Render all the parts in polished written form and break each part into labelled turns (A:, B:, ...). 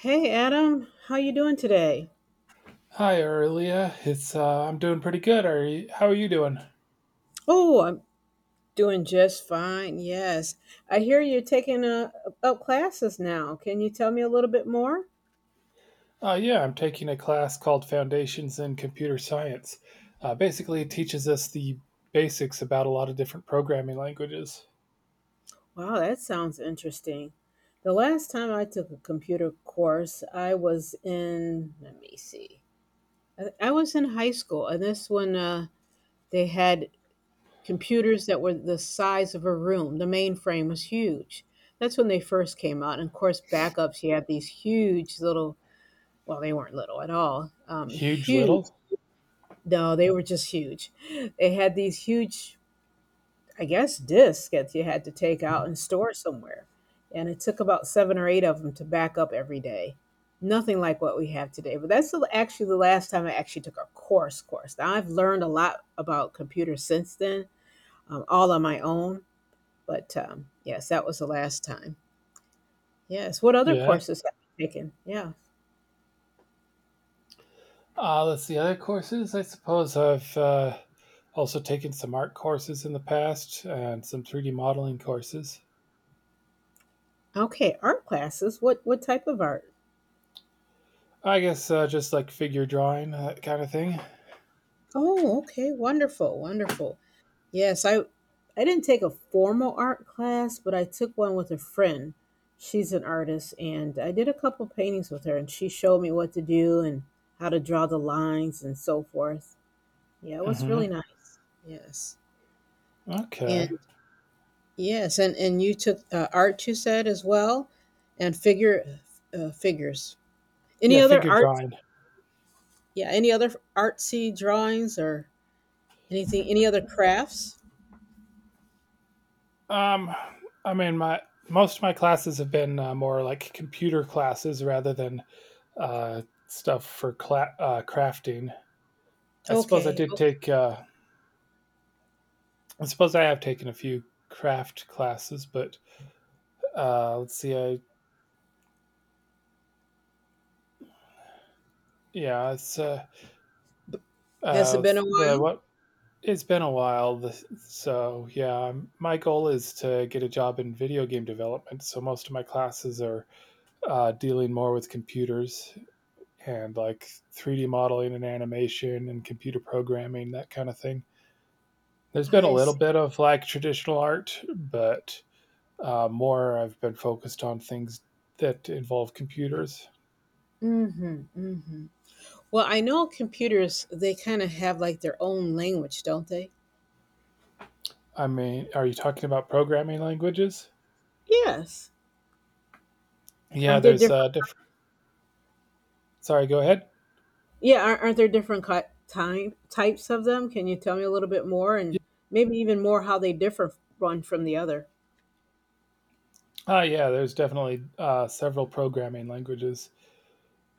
A: Hey Adam, how you doing today?
B: Hi, Aurelia. It's I'm doing pretty good. How are you doing?
A: Oh, I'm doing just fine. Yes. I hear you're taking up classes now. Can you tell me a little bit more?
B: Yeah, I'm taking a class called Foundations in Computer Science. Basically, it teaches us the basics about a lot of different programming languages.
A: Wow, that sounds interesting. The last time I took a computer course, I was in, let me see. I was in high school, and this one they had computers that were the size of a room. The mainframe was huge. That's when they first came out. And of course, backups, you had these huge little, well, they weren't little at all. Um,
B: Huge
A: huge.
B: little,
A: No, they were just huge. They had these huge, I guess, discs that you had to take out and store somewhere. And it took about seven or eight of them to back up every day. Nothing like what we have today. But actually the last time I actually took a course. Now I've learned a lot about computers since then, all on my own. But yes, that was the last time. Yes. What other
B: yeah.
A: courses have you taken? Yeah.
B: Let's see other courses. I suppose I've also taken some art courses in the past and some 3D modeling courses.
A: Okay. Art classes. What type of art?
B: I guess just like figure drawing, that kind of thing.
A: Oh, okay. Wonderful. Wonderful. Yes, I didn't take a formal art class, but I took one with a friend. She's an artist and I did a couple paintings with her and she showed me what to do and how to draw the lines and so forth. Yeah, it was really
B: Hmm.
A: nice. Yes. And
B: Okay.
A: yes, and you took art you said as well and figure figures. Any
B: Yeah,
A: other
B: figure
A: art?
B: drawing.
A: Yeah, any other artsy drawings or anything, any other crafts?
B: Um, I mean, my most of my classes have been more like computer classes rather than uh, stuff for crafting. I suppose I
A: Okay,
B: did
A: okay.
B: take. I suppose I have taken a few craft classes, but let's see. I Yeah, it's
A: Has it been a
B: the
A: while?
B: what. It's been a while, so yeah. My goal is to get a job in video game development. So most of my classes are dealing more with computers and like 3D modeling and animation and computer programming, that kind of thing. There's been a
A: I
B: little
A: see.
B: bit of like traditional art, but more I've been focused on things that involve computers.
A: Mm-hmm. Mm-hmm. Well, I know computers, they kind of have like their own language, don't they?
B: I mean, are you talking about programming languages?
A: Yes.
B: Yeah,
A: Aren't there
B: there's
A: different?
B: different. Sorry, go ahead.
A: Yeah, aren't there different time types of them? Can you tell me a little bit more, and maybe even more how they differ one from the other?
B: Yeah, there's definitely several programming languages.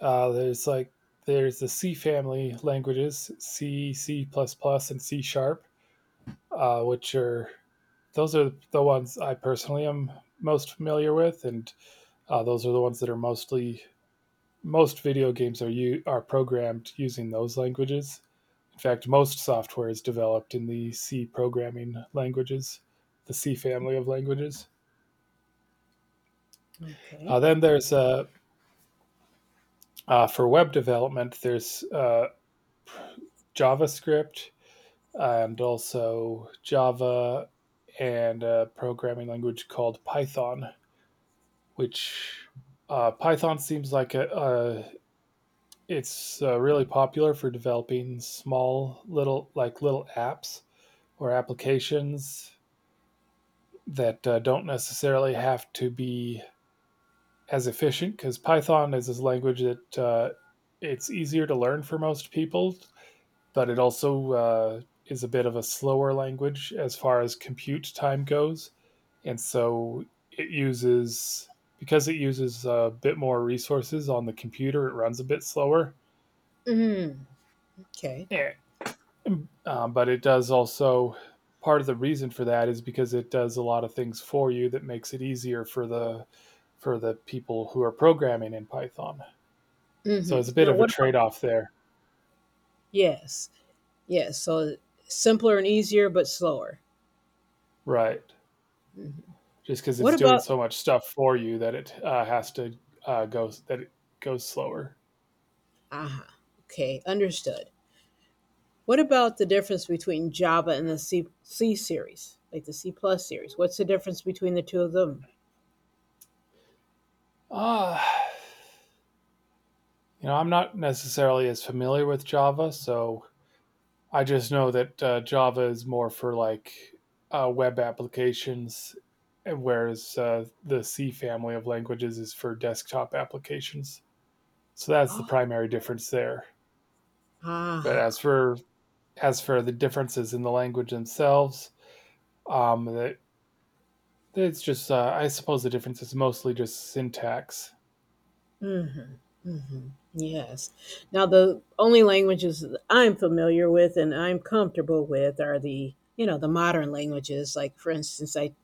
B: Uh, there's like there's the C family languages, C, C++, and C sharp. Which are Those are the ones I personally am most familiar with, and those are the ones that are most video games are programmed using those languages. In fact, most software is developed in the C programming languages, the C family of languages.
A: Okay.
B: Then there's for web development, there's JavaScript and also Java and a programming language called Python, which Python seems like a, it's really popular for developing small little apps or applications that don't necessarily have to be as efficient, because Python is this language that it's easier to learn for most people, but it also is a bit of a slower language as far as compute time goes. And so it uses because it uses a bit more resources on the computer, it runs a bit slower.
A: Mm, okay.
B: But it does also, part of the reason for that is because it does a lot of things for you that makes it easier for the people who are programming in Python, so it's a bit
A: Now,
B: of a
A: what about?
B: trade-off there.
A: Yes. Yes. So simpler and easier, but slower.
B: Right. Just because
A: What
B: it's doing
A: about?
B: so much stuff for you that it has to go that it goes slower.
A: Ah, okay. Understood. What about the difference between Java and the C series, like the C plus series? What's the difference between the two of them?
B: uh, you know, I'm not necessarily as familiar with Java, so I just know that Java is more for web applications, whereas the C family of languages is for desktop applications. So that's the
A: Oh,
B: primary difference there. But
A: aha.
B: as for the differences in the language themselves, that it's just I suppose the difference is mostly just syntax.
A: Mhm. Mhm. Yes. Now the only languages that I'm familiar with and I'm comfortable with are the, you know, the modern languages. Like for instance, I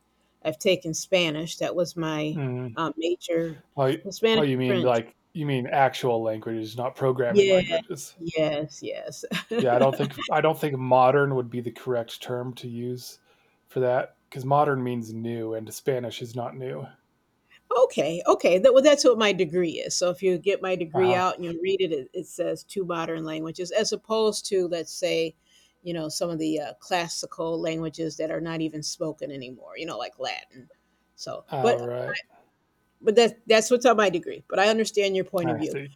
A: I've taken Spanish. That was my
B: Mm.
A: major,
B: Oh, oh,
A: Spanish
B: you
A: and
B: mean
A: French.
B: like you mean actual languages, not programming
A: Yes,
B: languages?
A: yes, yes.
B: Yeah, I don't think modern would be the correct term to use for that, because modern means new, and Spanish is not new.
A: Okay, okay. That, well, that's what my degree is. So if you get my
B: Uh
A: degree
B: huh.
A: out and you read it, it says two modern languages, as opposed to, let's say, you know, some of the classical languages that are not even spoken anymore. You know, like Latin. So,
B: All
A: but
B: right.
A: but that that's what's on my degree. But I understand your point of
B: I
A: view.
B: see.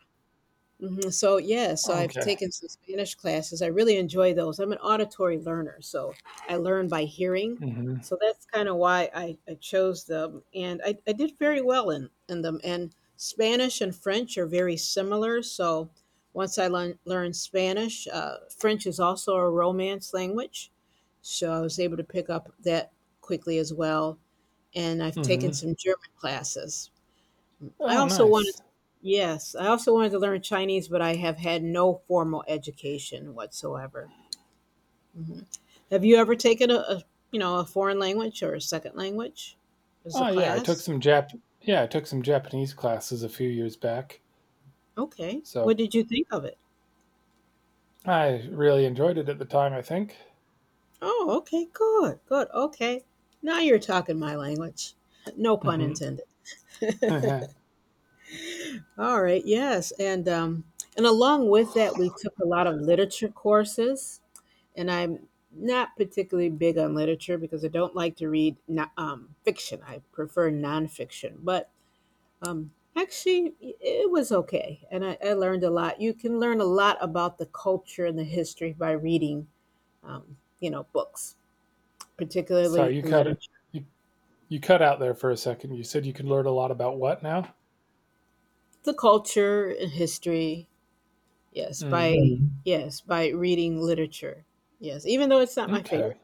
A: Mhm, so, yeah, so I've
B: Okay.
A: taken some Spanish classes, I really enjoy those, I'm an auditory learner, so I learn by hearing,
B: Hmm.
A: so that's kinda why I chose them, and I did very well in them, and Spanish and French are very similar, so once I learned Spanish, French is also a Romance language, so I was able to pick up that quickly as well, and I've taken
B: Hmm.
A: some German classes. I
B: Oh,
A: also wanted,
B: nice.
A: yes, I also wanted to learn Chinese, but I have had no formal education whatsoever. Have you ever taken a, you know, a foreign language or a second language as a
B: Oh, yeah. I took
A: class?
B: some Jap. Yeah, I took some Japanese classes a few years back,
A: Okay. What
B: so
A: did you think of it?
B: I really enjoyed it at the time, I think.
A: Oh, okay, good, good. Okay. Now you're talking my language. No pun
B: Hmm.
A: intended.
B: Yeah.
A: All right, yes. And along with that we took a lot of literature courses and I'm not particularly big on literature because I don't like to read fiction. I prefer nonfiction, but actually, it was okay, and I learned a lot. You can learn a lot about the culture and the history by reading, you know, books,
B: Sorry,
A: particularly
B: you cut it.
A: literature,
B: You you cut out there for a second. You said you could learn a lot about what now?
A: the culture and history. Yes, by
B: Mm.
A: Yes, by reading literature. Yes, even though it's not my
B: Okay.
A: favorite.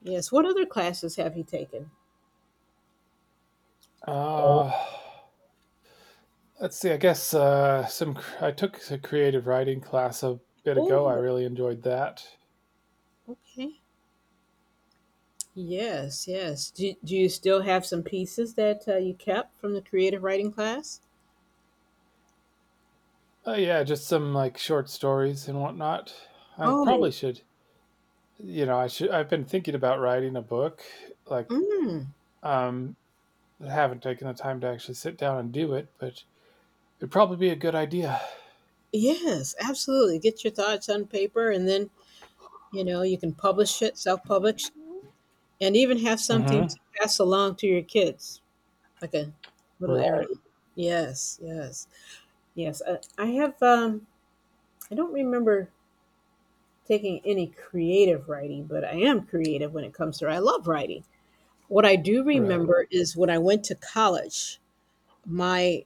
A: Yes, what other classes have you taken? Oh,
B: Uh Let's see. I guess some. I took a creative writing class a bit ago. I really enjoyed that.
A: okay. Yes, yes. Do you still have some pieces that you kept from the creative writing class?
B: Yeah, just some like short stories and whatnot. I probably
A: Oh,
B: should. You know, I should. I've been thinking about writing a book. Like,
A: mm,
B: um, I haven't taken the time to actually sit down and do it, but it'd probably be a good idea.
A: yes, absolutely. Get your thoughts on paper and then, you know, you can publish it, self publish, and even have something
B: Mm-hmm.
A: to pass along to your kids, like a little
B: Right.
A: heirloom. Yes, yes, yes. I have, I don't remember taking any creative writing, but I am creative when it comes to, I love writing. What I do
B: Right.
A: remember is when I went to college, my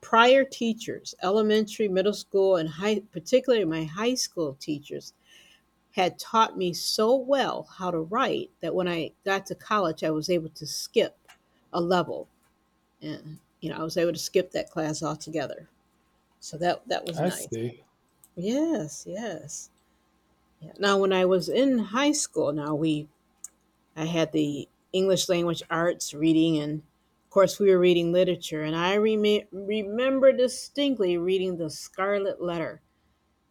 A: prior teachers, elementary, middle school, and high, particularly my high school teachers, had taught me so well how to write that when I got to college, I was able to skip a level, and you know, I was able to skip that class altogether. So that was
B: I
A: nice.
B: see.
A: Yes, yes. Yeah. Now, when I was in high school, now we I had the English language arts reading, and of course, we were reading literature. And I remember distinctly reading The Scarlet Letter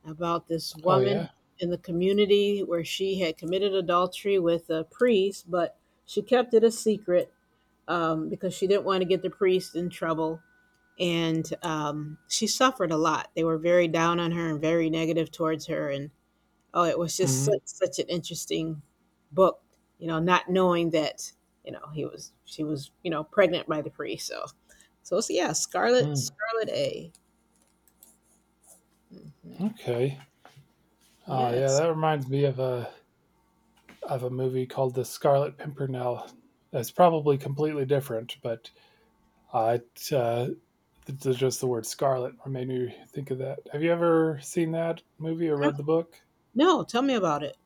A: about this
B: Oh
A: woman
B: yeah.
A: in the community where she had committed adultery with a priest, but she kept it a secret because she didn't want to get the priest in trouble. And she suffered a lot. They were very down on her and very negative towards her. And oh, it was just
B: Mm-hmm.
A: such an interesting book, you know, not knowing that, you know, he was she was, you know, pregnant by the priest. So it's yeah, Scarlet
B: Mm.
A: A. Mhm.
B: Okay. Oh yeah.
A: Yes.
B: That reminds me of a movie called The Scarlet Pimpernel. It's probably completely different, but uh, it, uh, just the word scarlet made me think of that. Have you ever seen that movie or
A: Huh?
B: read the book?
A: No, tell me about it.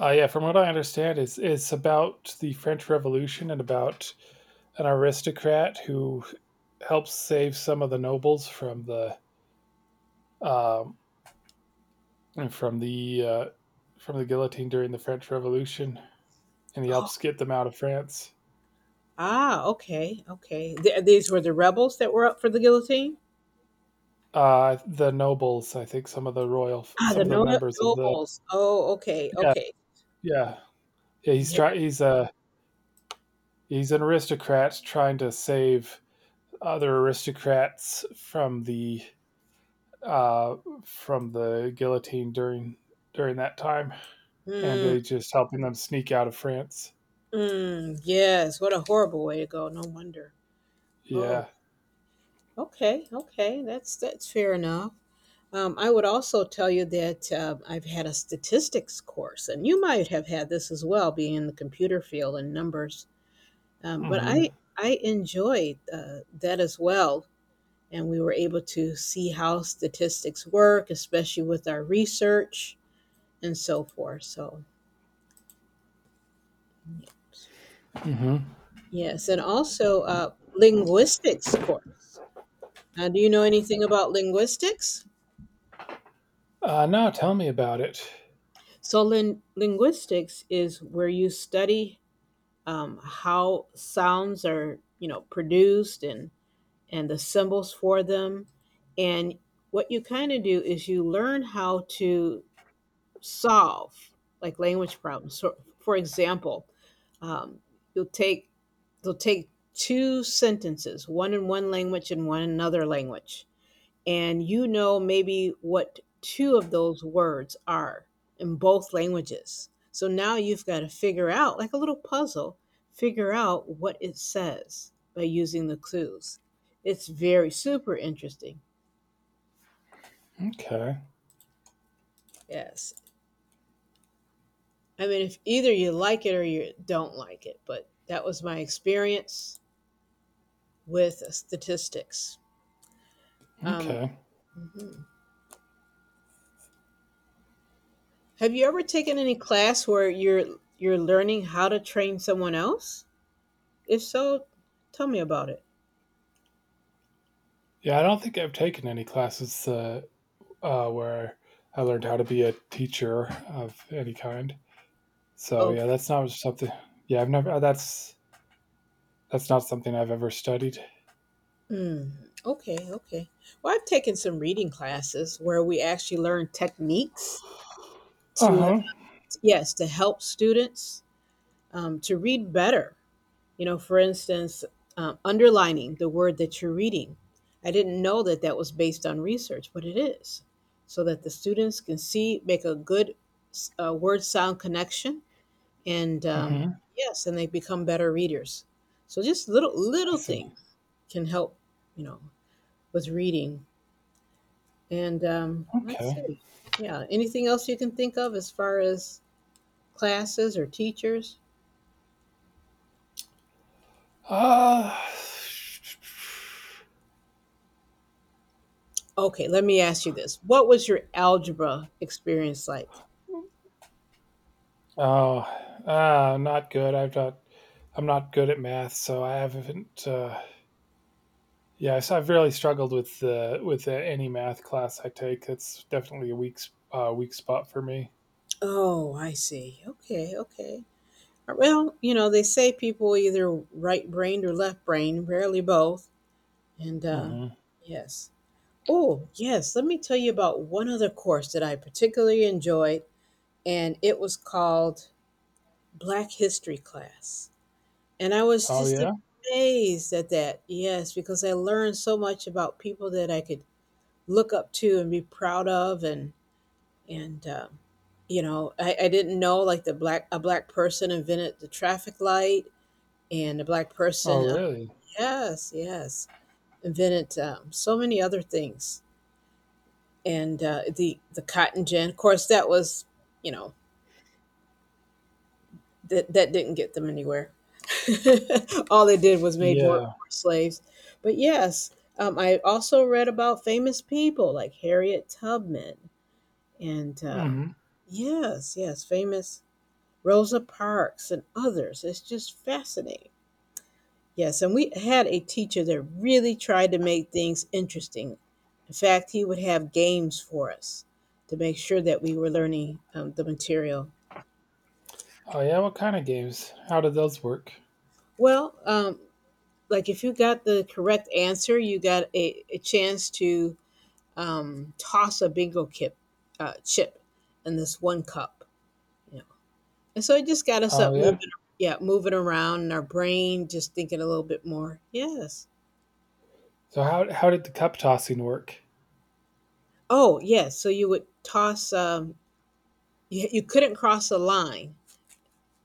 B: Yeah, from what I understand, it's about the French Revolution and about an aristocrat who helps save some of the nobles from the um, from the from the guillotine during the French Revolution, and he
A: Oh,
B: helps get them out of France.
A: ah, okay, okay. These were the rebels that were up for the guillotine.
B: The nobles, I think, some of the royal,
A: Ah,
B: some
A: the
B: of the
A: no-
B: members of the,
A: nobles. Oh, okay,
B: yeah,
A: okay.
B: yeah, yeah.
A: Yeah.
B: He's an aristocrat trying to save other aristocrats uh from the guillotine during that time, and
A: Mm,
B: they just helping them sneak out of France.
A: mm, yes. What a horrible way to go. No wonder. Oh,
B: Yeah.
A: okay, okay. That's fair enough. I would also tell you that I've had a statistics course, and you might have had this as well, being in the computer field and numbers. But
B: Mm-hmm.
A: I enjoyed that as well, and we were able to see how statistics work, especially with our research and so forth. So
B: Mm-hmm.
A: yes, and also linguistics course. Do you know anything about linguistics?
B: No, tell me about it.
A: So, linguistics is where you study how sounds are, you know, produced and the symbols for them and what you kind of do is you learn how to solve like language problems, so for example, um, you'll take you'll take two sentences, one in one language and one in another language, and you know maybe what two of those words are in both languages. So now you've got to figure out, like a little puzzle, figure out what it says by using the clues. It's very super interesting.
B: Okay.
A: Yes. I mean, if either you like it or you don't like it, but that was my experience with statistics. Um,
B: Okay.
A: mhm. Have you ever taken any class where you're learning how to train someone else? If so, tell me about it.
B: Yeah, I don't think I've taken any classes where I learned how to be a teacher of any kind. So yeah,
A: Okay.
B: that's not something. Yeah, I've never. That's not something I've ever studied.
A: Mm, okay. Okay. Well, I've taken some reading classes where we actually learn techniques
B: Uh
A: to,
B: huh.
A: yes, to help students to read better. You know, for instance, underlining the word that you're reading. I didn't know that was based on research, but it is, so that the students can see, make a good word sound connection, and
B: Mm-hmm.
A: yes, and they become better readers. So just little
B: I
A: little
B: see.
A: things can help, you know, with reading. And let's
B: Okay.
A: see. Yeah. Anything else you can think of as far as classes or teachers?
B: Uh
A: Okay, let me ask you this. What was your algebra experience like?
B: oh. Not good. I've not. I'm not good at math, so I haven't. Yeah, so I've really struggled with the with any math class I take. That's definitely a weak spot for me.
A: Oh, I see. Okay, okay. Well, you know, they say people either right brained or left brained, rarely both. And
B: Hmm.
A: yes. Oh, yes. Let me tell you about one other course that I particularly enjoyed, and it was called Black History Class. And I was
B: Oh
A: just
B: yeah.
A: amazed at that. Yes, because I learned so much about people that I could look up to and be proud of, and you know, I didn't know like the black a black person invented the traffic light and a black
B: Oh
A: person
B: really?
A: yes, yes, invented so many other things. And the cotton gin, of course that was, you know, that didn't get them anywhere. All it did was made
B: Yeah.
A: more slaves. But yes, I also read about famous people like Harriet Tubman and
B: Hmm.
A: yes, yes, famous Rosa Parks and others. It's just fascinating. Yes, and we had a teacher that really tried to make things interesting. In fact, he would have games for us to make sure that we were learning the material.
B: Oh yeah, what kind of games? How did those work?
A: Well, like if you got the correct answer, you got a chance to toss a chip in this one cup. You know, and so it just got us
B: Oh
A: up
B: yeah.
A: moving. Yeah, moving around in our brain, just thinking a little bit more. Yes.
B: So how did the cup tossing work?
A: Oh, yes. So you would toss. You you couldn't cross a line,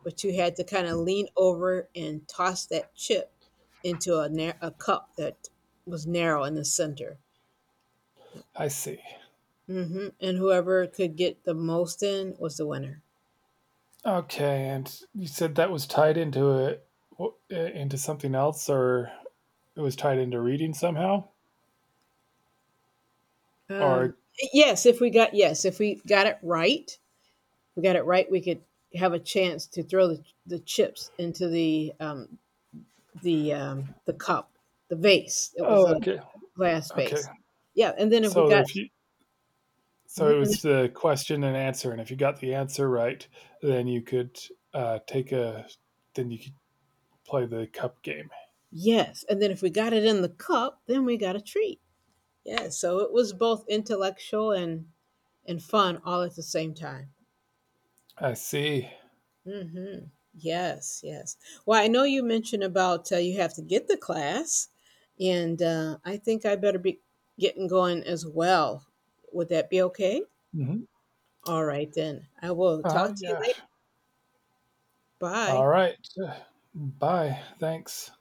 A: but you had to kind of lean over and toss that chip into a a cup that was narrow in the center.
B: I see.
A: Mhm, and whoever could get the most in was the winner.
B: Okay, and you said that was tied into into something else, or it was tied into reading somehow,
A: Um,
B: or
A: yes, if we got yes, if we got it right, we could have a chance to throw the chips into the the cup, the vase. It was
B: oh
A: a
B: okay,
A: glass
B: okay.
A: vase. Yeah, and then if we
B: So
A: got
B: if you
A: mhm,
B: so
A: and
B: it
A: then
B: was the question and answer, and if you got the answer right, then you could take a then you could play the cup game.
A: yes, and then if we got it in the cup, then we got a treat. Yeah, so it was both intellectual and fun all at the same time.
B: I see.
A: Mhm. Yes, yes. Well, I know you mentioned about, you have to get the class, and, I think I better be getting going as well. Would that be okay?
B: Hmm.
A: All right then. I will
B: Oh
A: talk to you
B: yeah.
A: later.
B: All
A: Bye.
B: right. Bye. Thanks.